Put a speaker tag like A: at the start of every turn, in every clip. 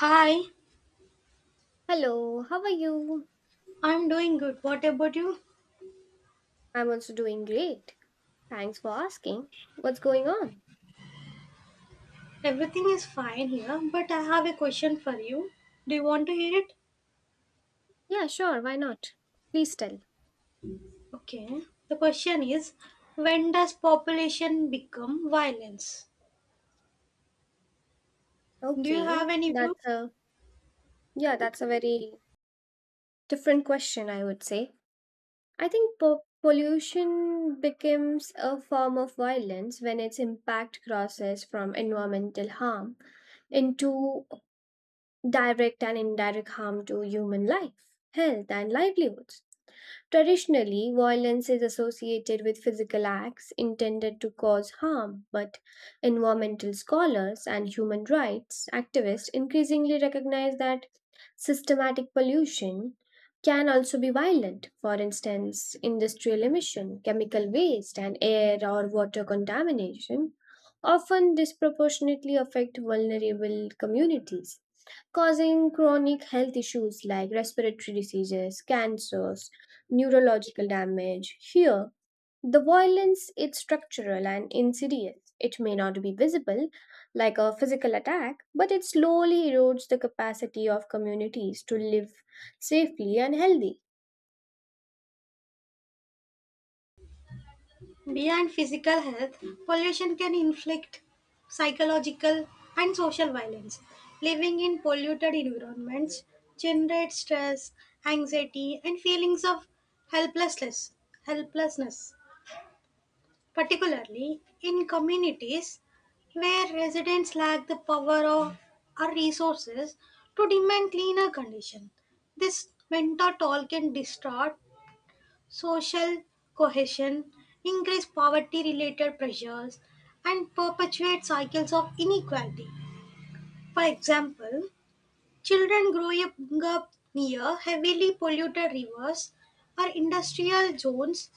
A: Hi,
B: Hello, how are you?
A: I'm doing good. What about you?
B: I'm also doing great. Thanks for asking. What's going on?
A: Everything is fine here, but I have a question for you. Do you want to hear it?
B: Yeah, sure, why not? Please tell.
A: Okay. The question is, when does population become violence? Do you have
B: Okay,
A: any
B: that's
A: view?
B: a yeah, that's a very different question, I would say. I think pollution becomes a form of violence when its impact crosses from environmental harm into direct and indirect harm to human life, health, and livelihoods. Traditionally, violence is associated with physical acts intended to cause harm, but environmental scholars and human rights activists increasingly recognize that systematic pollution can also be violent. For instance, industrial emission, chemical waste, and air or water contamination often disproportionately affect vulnerable communities, causing chronic health issues like respiratory diseases, cancers, neurological damage. Here, the violence is structural and insidious. It may not be visible, like a physical attack, but it slowly erodes the capacity of communities to live safely and healthy.
A: Beyond physical health, pollution can inflict psychological and social violence. Living in polluted environments generates stress, anxiety, and feelings of helplessness. Helplessness, particularly in communities where residents lack the power or resources to demand cleaner conditions. This mentor toll can distort social cohesion, increase poverty related pressures, and perpetuate cycles of inequality. For example, children growing up near heavily polluted rivers or industrial zones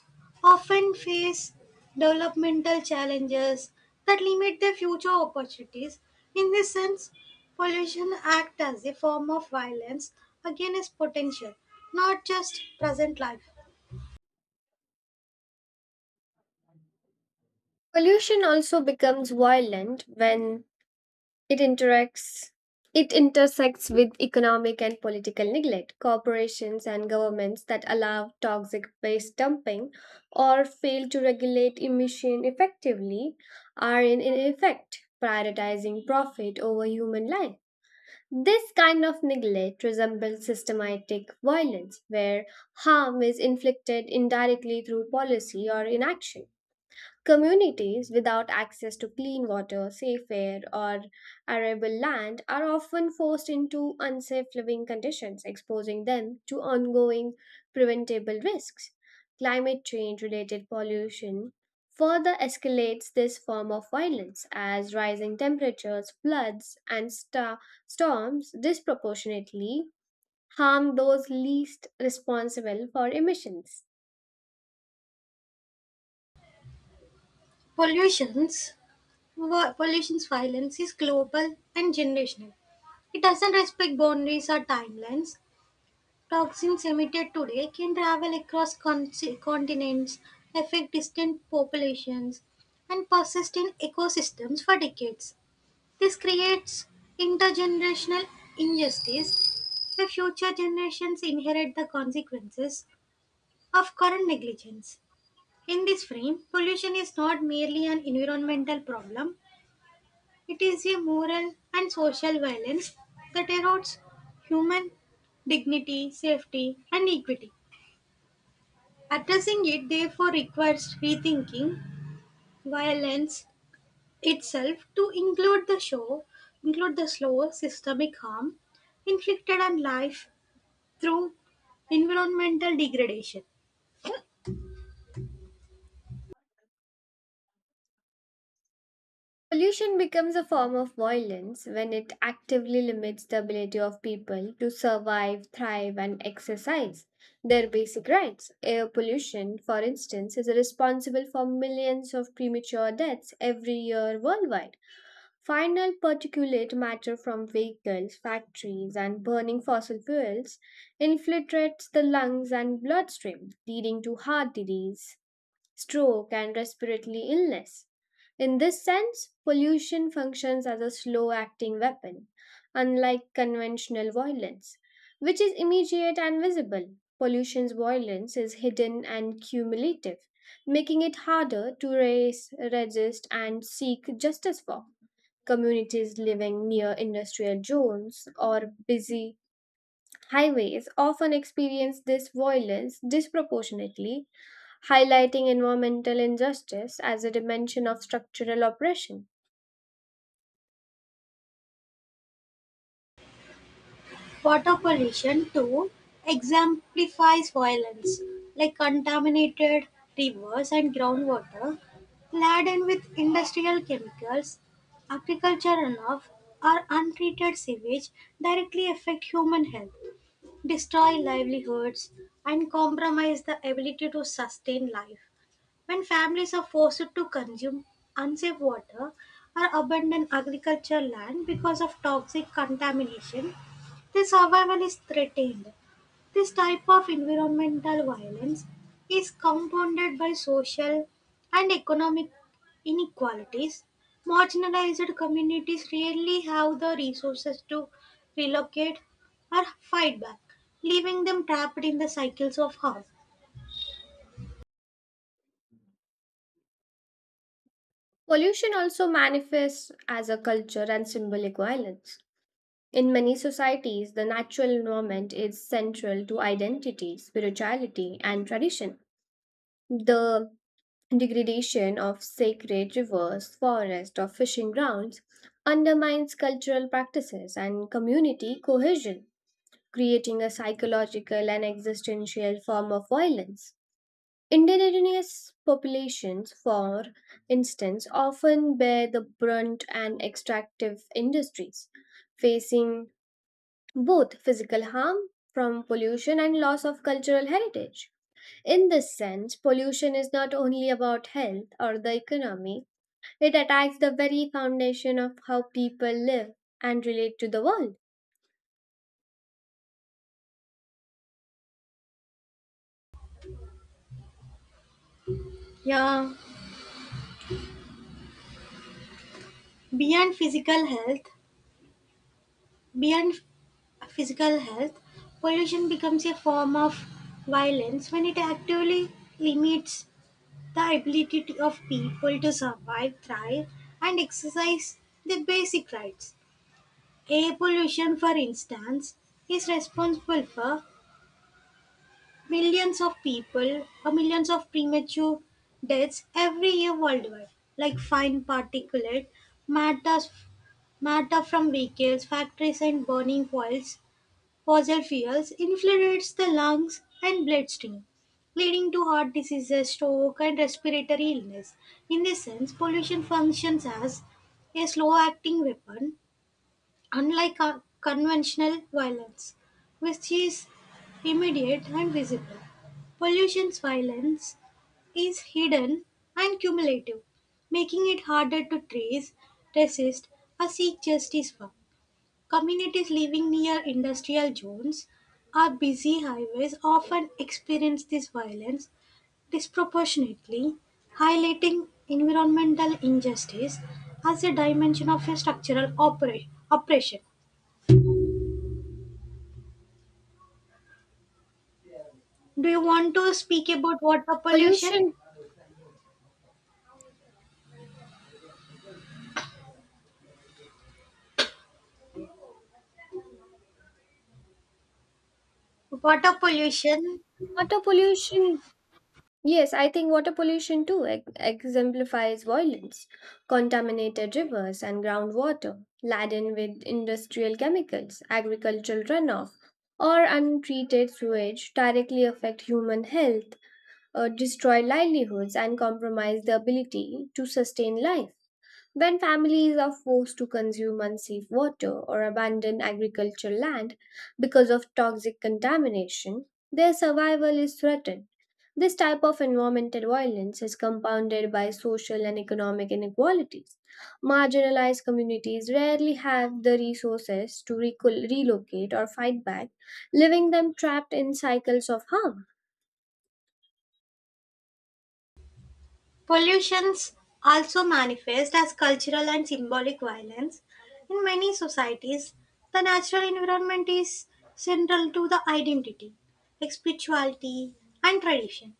A: often face developmental challenges that limit their future opportunities. In this sense, pollution acts as a form of violence against potential, not just present life.
B: Pollution also becomes violent when It interacts it intersects with economic and political neglect. Corporations and governments that allow toxic waste dumping or fail to regulate emission effectively are in effect prioritizing profit over human life. This kind of neglect resembles systematic violence, where harm is inflicted indirectly through policy or inaction. Communities without access to clean water, safe air, or arable land are often forced into unsafe living conditions, exposing them to ongoing preventable risks. Climate change related pollution further escalates this form of violence as rising temperatures, floods, and storms disproportionately harm those least responsible for emissions.
A: Pollution's, Pollution's violence is global and generational. It doesn't respect boundaries or timelines. Toxins emitted today can travel across continents, affect distant populations, and persist in ecosystems for decades. This creates intergenerational injustice, where future generations inherit the consequences of current negligence. In this frame, pollution is not merely an environmental problem, it is a moral and social violence that erodes human dignity, safety, and equity. Addressing it therefore requires rethinking violence itself to include the slow systemic harm inflicted on life through environmental degradation.
B: Pollution becomes a form of violence when it actively limits the ability of people to survive, thrive, and exercise their basic rights. Air pollution, for instance, is responsible for millions of premature deaths every year worldwide. Final particulate matter from vehicles, factories, and burning fossil fuels infiltrates the lungs and bloodstream, leading to heart disease, stroke, and respiratory illness. In this sense, pollution functions as a slow acting weapon. Unlike conventional violence, which is immediate and visible, pollution's violence is hidden and cumulative, making it harder to raise, resist, and seek justice for. Communities living near industrial zones or busy highways often experience this violence disproportionately, highlighting environmental injustice as a dimension of structural oppression.
A: Water pollution too exemplifies violence, like contaminated rivers and groundwater laden with industrial chemicals, agriculture runoff, or untreated sewage directly affect human health, destroy livelihoods, and compromise the ability to sustain life. When families are forced to consume unsafe water or abandon agricultural land because of toxic contamination, their survival is threatened. This type of environmental violence is compounded by social and economic inequalities. Marginalized communities rarely have the resources to relocate or fight back, leaving them trapped in the cycles of harm.
B: Pollution also manifests as a culture and symbolic violence. In many societies, the natural environment is central to identity, spirituality, and tradition. The degradation of sacred rivers, forests, or fishing grounds undermines cultural practices and community cohesion, creating a psychological and existential form of violence. Indigenous populations, for instance, often bear the brunt and extractive industries, facing both physical harm from pollution and loss of cultural heritage. In this sense, pollution is not only about health or the economy, it attacks the very foundation of how people live and relate to the world.
A: Yeah, beyond physical health, Beyond physical health, pollution becomes a form of violence when it actively limits the ability of people to survive, thrive, and exercise their basic rights. Air pollution, for instance, is responsible for millions of premature deaths every year worldwide, like fine particulate matters matter from vehicles, factories, and burning fuels fossil fuels, infiltrates the lungs and bloodstream, leading to heart diseases, stroke, and respiratory illness. In this sense, pollution functions as a slow-acting weapon, unlike a conventional violence, which is immediate and visible. Pollution's violence is hidden and cumulative, making it harder to trace, resist, or seek justice for. Communities living near industrial zones or busy highways often experience this violence disproportionately, highlighting environmental injustice as a dimension of a oppression. Do you want to speak about water pollution?
B: Pollution,
A: Water pollution.
B: water pollution. Yes, I think water pollution too exemplifies violence. Contaminated rivers and groundwater, laden with industrial chemicals, agricultural runoff, or untreated sewage directly affect human health, destroy livelihoods, and compromise the ability to sustain life. When families are forced to consume unsafe water or abandon agricultural land because of toxic contamination, their survival is threatened. This type of environmental violence is compounded by social and economic inequalities. Marginalized communities rarely have the resources to relocate or fight back, leaving them trapped in cycles of harm.
A: Pollutions also manifest as cultural and symbolic violence. In many societies, the natural environment is central to the identity, spirituality, and tradition.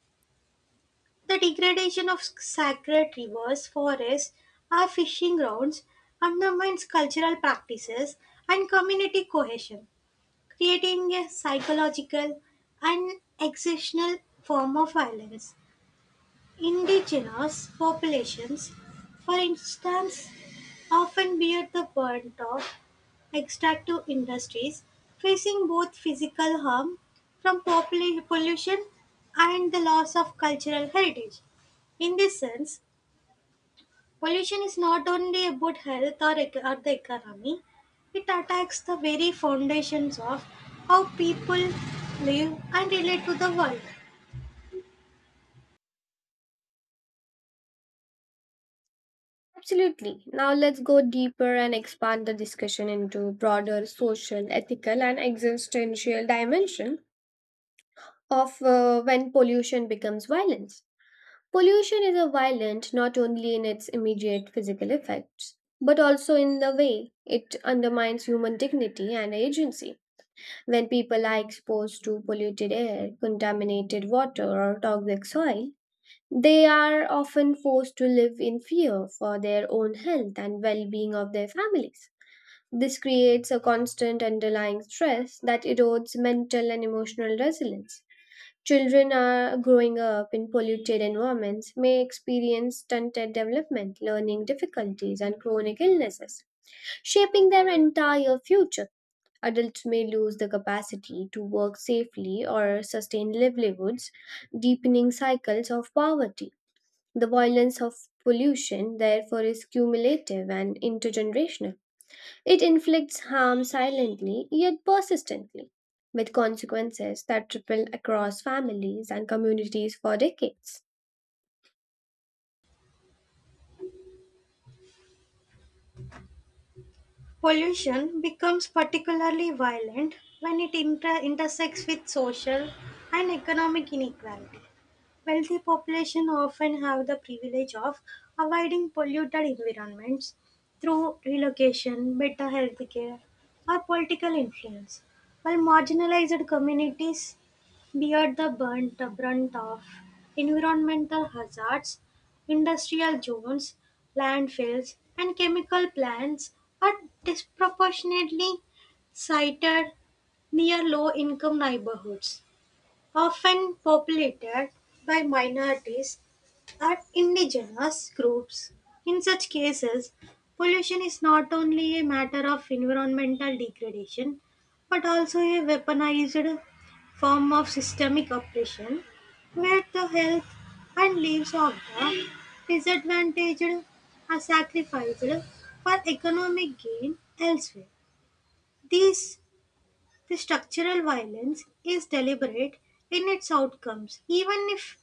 A: The degradation of sacred rivers, forests, or fishing grounds undermines cultural practices and community cohesion, creating a psychological and existential form of violence. Indigenous populations, for instance, often bear the brunt of extractive industries, facing both physical harm from pollution and the loss of cultural heritage. In this sense, pollution is not only about health or the economy, it attacks the very foundations of how people live and relate to the world.
B: Absolutely. Now let's go deeper and expand the discussion into broader social, ethical, and existential dimension of when pollution becomes violence. Pollution is a violent not only in its immediate physical effects, but also in the way it undermines human dignity and agency. When people are exposed to polluted air, contaminated water, or toxic soil, they are often forced to live in fear for their own health and well being of their families. This creates a constant underlying stress that erodes mental and emotional resilience. Children are growing up in polluted environments may experience stunted development, learning difficulties, and chronic illnesses, shaping their entire future. Adults may lose the capacity to work safely or sustain livelihoods, deepening cycles of poverty. The violence of pollution, therefore, is cumulative and intergenerational. It inflicts harm silently yet persistently, with consequences that ripple across families and communities for decades.
A: Pollution becomes particularly violent when it intersects with social and economic inequality. Wealthy population often have the privilege of avoiding polluted environments through relocation, better health care, or political influence, while marginalized communities bear the brunt of environmental hazards. Industrial zones, landfills, and chemical plants are disproportionately sited near low income neighborhoods, often populated by minorities are indigenous groups. In such cases, pollution is not only a matter of environmental degradation but also a weaponized form of systemic oppression, where the health and lives of the disadvantaged are sacrificed for economic gain elsewhere. These the structural violence is deliberate in its outcomes, even if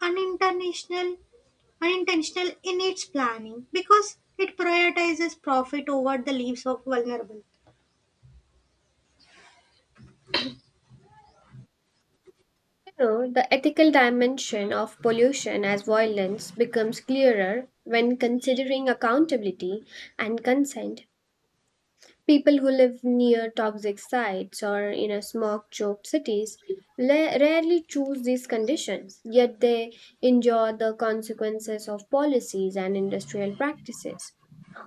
A: unintentional, unintentional in its planning, because it prioritizes profit over the lives of vulnerable.
B: You know, the ethical dimension of pollution as violence becomes clearer when considering accountability and consent. People who live near toxic sites or in a smog choked cities rarely choose these conditions, yet they endure the consequences of policies and industrial practices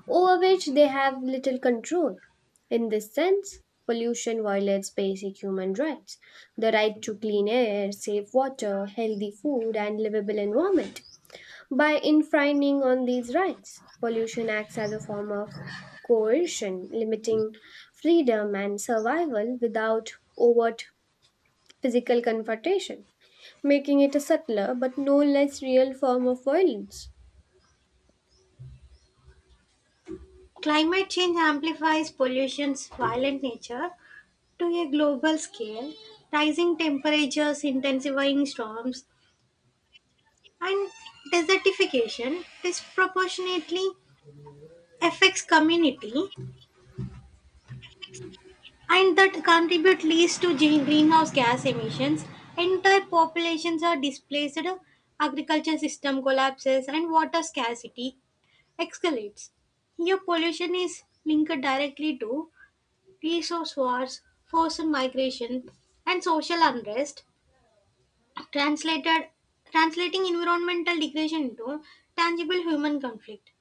B: over which they have little control. In this sense, pollution violates basic human rights, the right to clean air, safe water, healthy food, and livable environment. By infringing on these rights, pollution acts as a form of coercion, limiting freedom and survival without overt physical confrontation, making it a subtler but no less real form of violence.
A: Climate change amplifies pollution's violent nature to a global scale. Rising temperatures, intensifying storms, and desertification disproportionately affects community and that contribute least to greenhouse gas emissions. Entire populations are displaced, agriculture system collapses, and water scarcity escalates. Here, pollution is linked directly to resource wars, forced migration, and social unrest. Translated, Translating environmental degradation into tangible human conflict.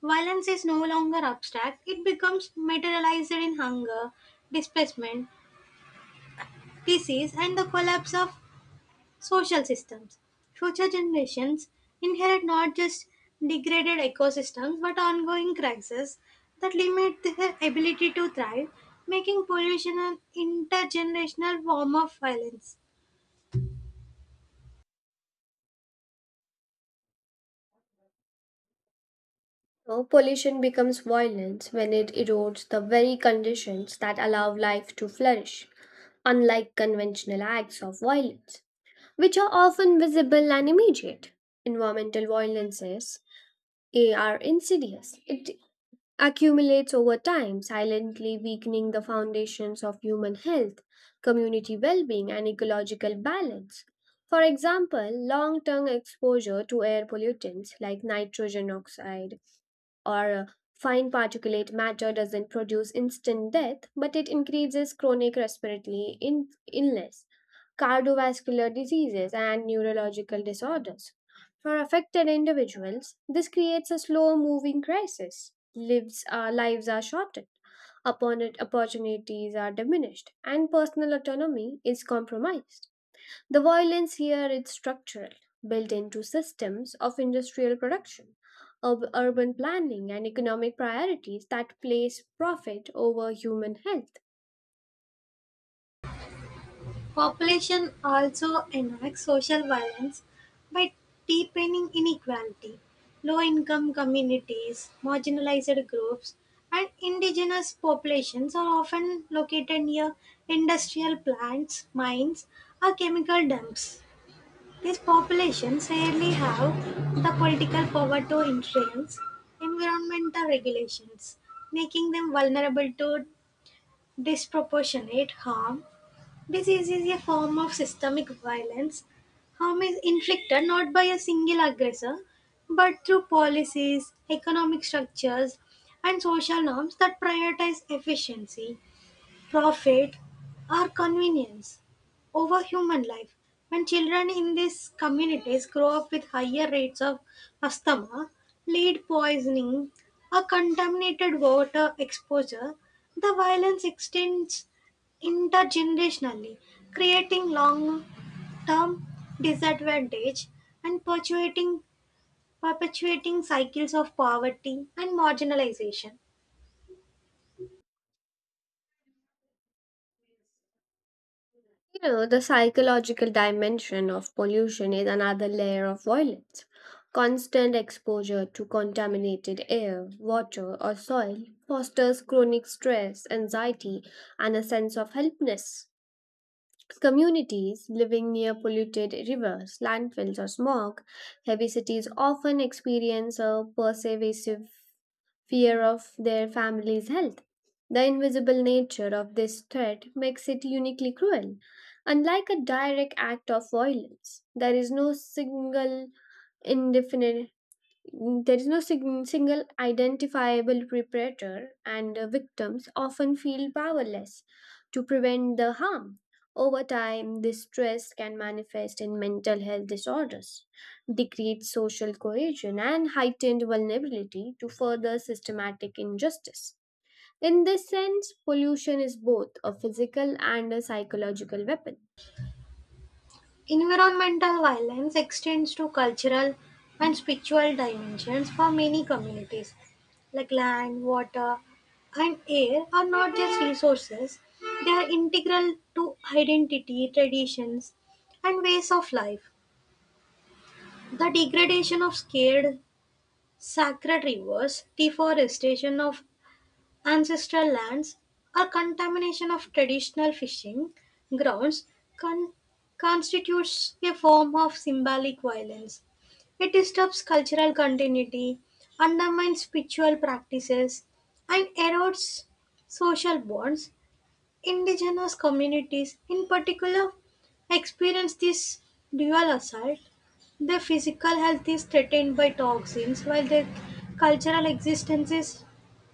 A: Violence is no longer abstract; it becomes materialized in hunger, displacement, disease, and the collapse of social systems. Future generations inherit not just degraded ecosystems but ongoing crises that limit their ability to thrive, making pollution an intergenerational form of violence.
B: So, pollution becomes violence when it erodes the very conditions that allow life to flourish. Unlike conventional acts of violence, which are often visible and immediate, environmental violences are insidious. It accumulates over time, silently weakening the foundations of human health, community well being, and ecological balance. For example, long term exposure to air pollutants like nitrogen oxide or fine particulate matter doesn't produce instant death, but it increases chronic respiratory illness, cardiovascular diseases, and neurological disorders. For affected individuals, this creates a slow moving crisis. Lives are shortened, opportunities are diminished, and personal autonomy is compromised. The violence here is structural, built into systems of industrial production, of urban planning, and economic priorities that place profit over human health.
A: Population also enacts social violence by deepening inequality. Low-income communities, marginalized groups, and indigenous populations are often located near industrial plants, mines, or chemical dumps. These populations rarely have the political power to influence environmental regulations, making them vulnerable to disproportionate harm. Disease is a form of systemic violence. Harm is inflicted not by a single aggressor, but through policies, economic structures, and social norms that prioritize efficiency, profit, or convenience over human life. When children in these communities grow up with higher rates of asthma, lead poisoning, or contaminated water exposure, the violence extends intergenerationally, creating long-term disadvantage and perpetuating cycles of poverty and marginalization.
B: You know, the psychological dimension of pollution is another layer of violence. Constant exposure to contaminated air, water, or soil fosters chronic stress, anxiety, and a sense of helplessness. Communities living near polluted rivers, landfills, or smog, heavy cities often experience a pervasive fear of their family's health. The invisible nature of this threat makes it uniquely cruel. Unlike a direct act of violence, indefinite there is no single identifiable perpetrator, and victims often feel powerless to prevent the harm. Over time, this stress can manifest in mental health disorders, decreased social cohesion, and heightened vulnerability to further systematic injustice. In this sense, pollution is both a physical and a psychological weapon.
A: Environmental violence extends to cultural and spiritual dimensions for many communities, like land, water, and air are not just resources, they are integral to identity, traditions, and ways of life. The degradation of scared sacred rivers, deforestation of ancestral lands, or contamination of traditional fishing grounds con- constitutes a form of symbolic violence. It disturbs cultural continuity, undermines spiritual practices, and erodes social bonds. Indigenous communities, in particular, experience this dual assault. Their physical health is threatened by toxins, while their cultural existence is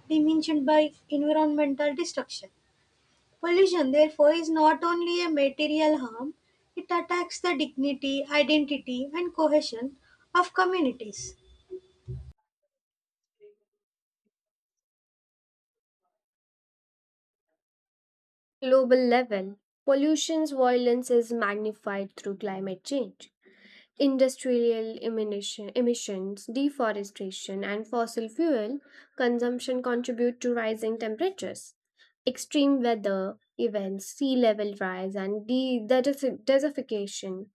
A: diminished by environmental destruction. Pollution, therefore, is not only a material harm, it attacks the dignity, identity, and cohesion of communities.
B: Global level, pollution's violence is magnified through climate change. Emissions, deforestation, and fossil fuel consumption contribute to rising temperatures. Extreme weather events, sea level rise, and desertification.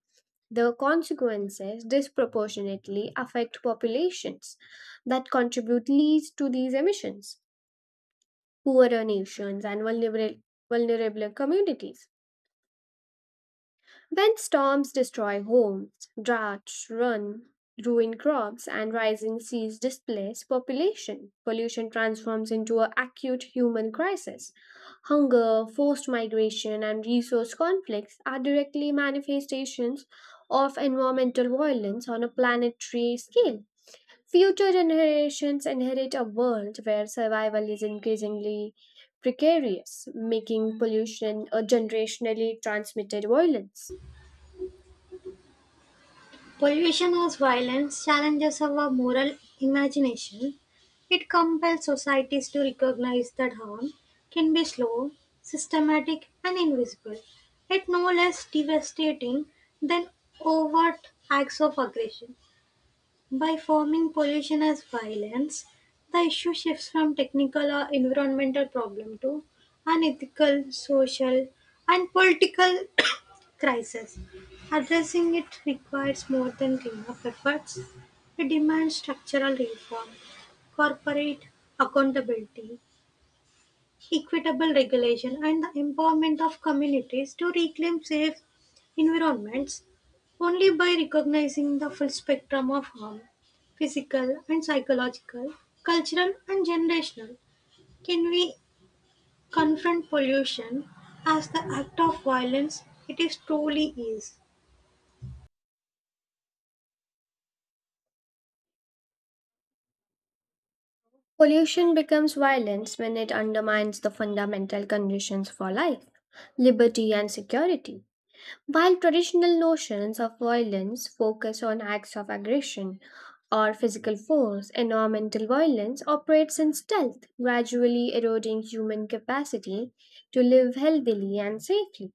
B: The consequences disproportionately affect populations that contribute least to these emissions, poorer nations, and vulnerable communities. When storms destroy homes, droughts run, ruin crops, and rising seas displace population, pollution transforms into an acute human crisis. Hunger, forced migration, and resource conflicts are directly manifestations of environmental violence on a planetary scale. Future generations inherit a world where survival is increasingly precarious, making pollution a generationally transmitted violence.
A: Pollution as violence challenges our moral imagination. It compels societies to recognize that harm can be slow, systematic, and invisible, yet no less devastating than overt acts of aggression. By forming pollution as violence, the issue shifts from technical or environmental problem to an ethical, social, and political crisis. Addressing it requires more than cleanup efforts. It demands structural reform, corporate accountability, equitable regulation, and the empowerment of communities to reclaim safe environments. Only by recognizing the full spectrum of harm, physical and psychological, cultural and generational, can we confront pollution as the act of violence it is truly is.
B: Pollution becomes violence when it undermines the fundamental conditions for life, liberty, and security. While traditional notions of violence focus on acts of aggression or physical force, environmental violence operates in stealth, gradually eroding human capacity to live healthily and safely.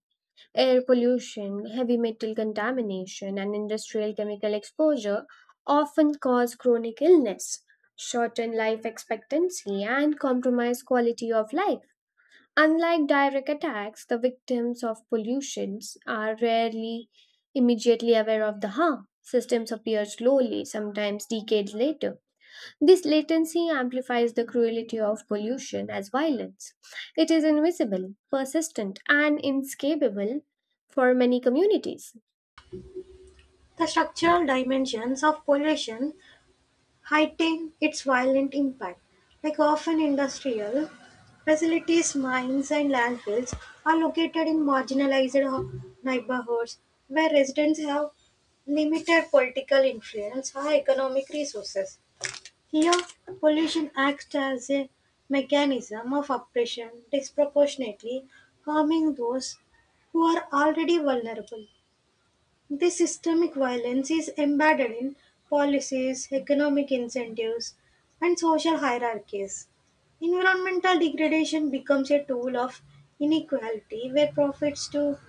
B: Air pollution, heavy metal contamination, and industrial chemical exposure often cause chronic illness, shorten life expectancy, and compromise quality of life. Unlike direct attacks, the victims of pollutions are rarely immediately aware of the harm. Systems appear slowly, sometimes decades later. This latency amplifies the cruelty of pollution as violence. It is invisible, persistent, and inescapable for many communities.
A: The structural dimensions of pollution heighten its violent impact, like often industrial facilities, mines, and landfills are located in marginalized neighborhoods where residents have limited political influence or economic resources. Here, pollution acts as a mechanism of oppression, disproportionately harming those who are already vulnerable. This systemic violence is embedded in policies, economic incentives, and social hierarchies. Environmental degradation becomes a tool of inequality, where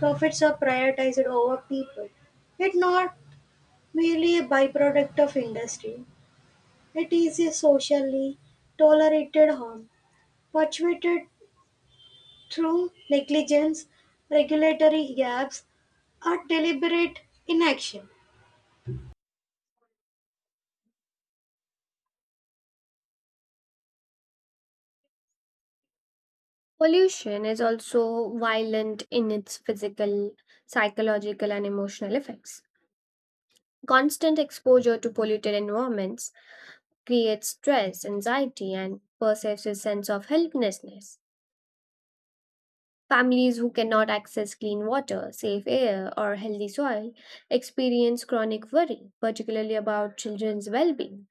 A: profits are prioritized over people. It's not merely a byproduct of industry. It is a socially tolerated harm perpetuated through negligence, regulatory gaps, or deliberate inaction.
B: Pollution is also violent in its physical, psychological, and emotional effects. Constant exposure to polluted environments creates stress, anxiety, and pervasive sense of helplessness. Families who cannot access clean water, safe air, or healthy soil experience chronic worry, particularly about children's well being.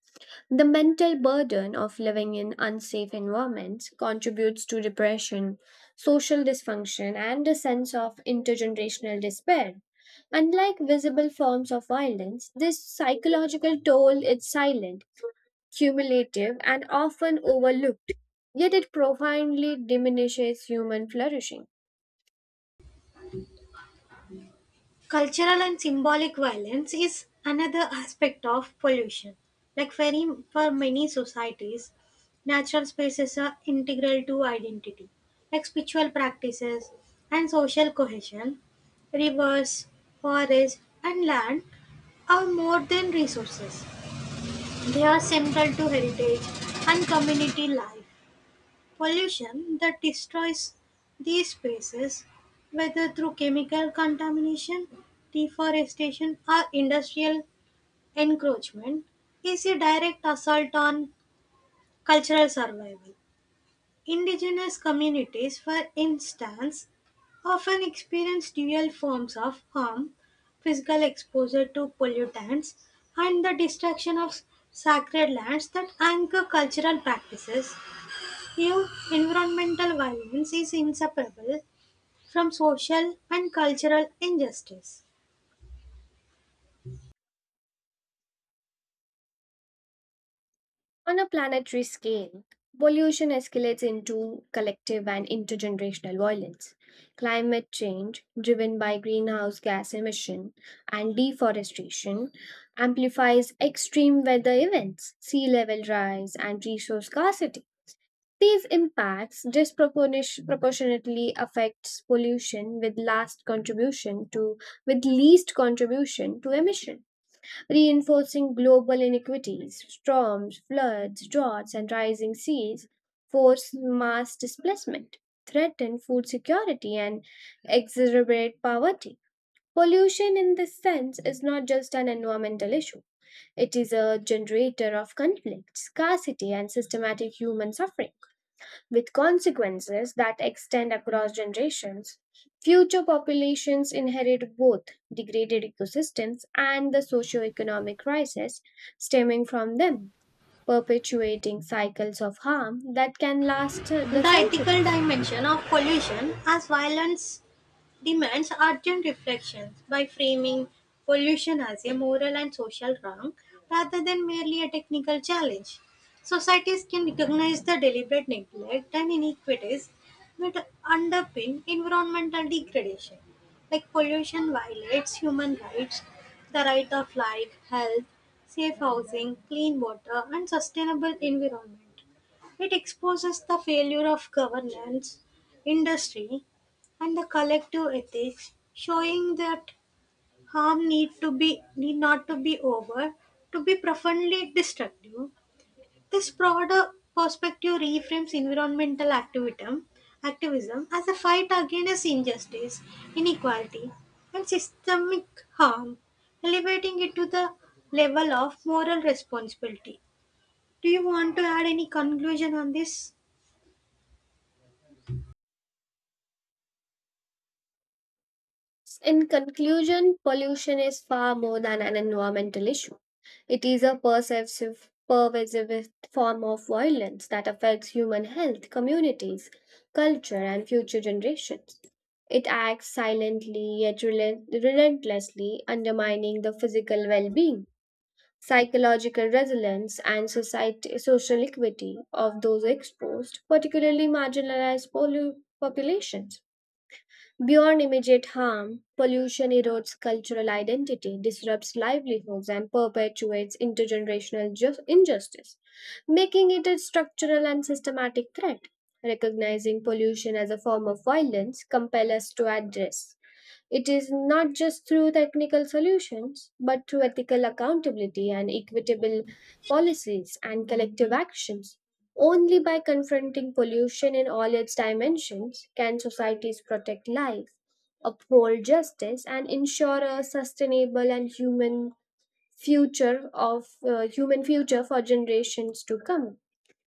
B: The mental burden of living in unsafe environments contributes to depression, social dysfunction, and a sense of intergenerational despair. Unlike visible forms of violence, this psychological toll is silent, cumulative, and often overlooked, yet it profoundly diminishes human flourishing.
A: Cultural and symbolic violence is another aspect of pollution. Like very, for many societies, natural spaces are integral to identity, like spiritual practices and social cohesion. Rivers, forests, and land are more than resources, they are central to heritage and community life. Pollution that destroys these spaces, whether through chemical contamination, deforestation, or industrial encroachment, is a direct assault on cultural survival. Indigenous communities, for instance, often experience dual forms of harm, physical exposure to pollutants and the destruction of sacred lands that anchor cultural practices. Here, environmental violence is inseparable from social and cultural injustice.
B: On a planetary scale, pollution escalates into collective and intergenerational violence. Climate change, driven by greenhouse gas emission and deforestation, amplifies extreme weather events, sea level rise, and resource scarcity. These impacts disproportionately affects pollution with last contribution to with least contribution to emission, reinforcing global inequities. Storms, floods, droughts, and rising seas force mass displacement, threaten food security, and exacerbate poverty. Pollution, in this sense, is not just an environmental issue, it is a generator of conflict, scarcity, and systematic human suffering with consequences that extend across generations. Future populations inherit both degraded ecosystems and the socio-economic crisis stemming from them, perpetuating cycles of harm that can last the
A: The ethical
B: centuries.
A: dimension of pollution as violence demands urgent reflections by framing pollution as a moral and social wrong rather than merely a technical challenge. Societies can recognize the deliberate neglect and inequities that underpin environmental degradation. Like pollution violates human rights, the right of life, health, safe housing, clean water, and sustainable environment. It exposes the failure of governance, industry, and the collective ethics, showing that harm need to be need not to be over to be profoundly destructive. This broader perspective reframes environmental activism as a fight against injustice, inequality, and systemic harm, elevating it to the level of moral responsibility. Do you want to add any conclusion on this?
B: In conclusion, pollution is far more than an environmental issue. It is a pervasive form of violence that affects human health, communities, culture, and future generations. It acts silently yet relentlessly, undermining the physical well being, psychological resilience, and social equity of those exposed, particularly marginalized populations. Beyond immediate harm, pollution erodes cultural identity, disrupts livelihoods, and perpetuates intergenerational injustice, making it a structural and systematic threat. Recognizing pollution as a form of violence compels us to address it is not just through technical solutions, but through ethical accountability and equitable policies and collective actions. Only by confronting pollution in all its dimensions can societies protect life, uphold justice, and ensure a sustainable and human future of human future for generations to come.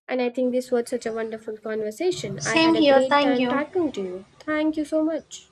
B: And I think this was such a wonderful conversation. I
A: Same
B: had a
A: here,
B: great
A: thank
B: time
A: you.
B: talking to you. Thank you so much.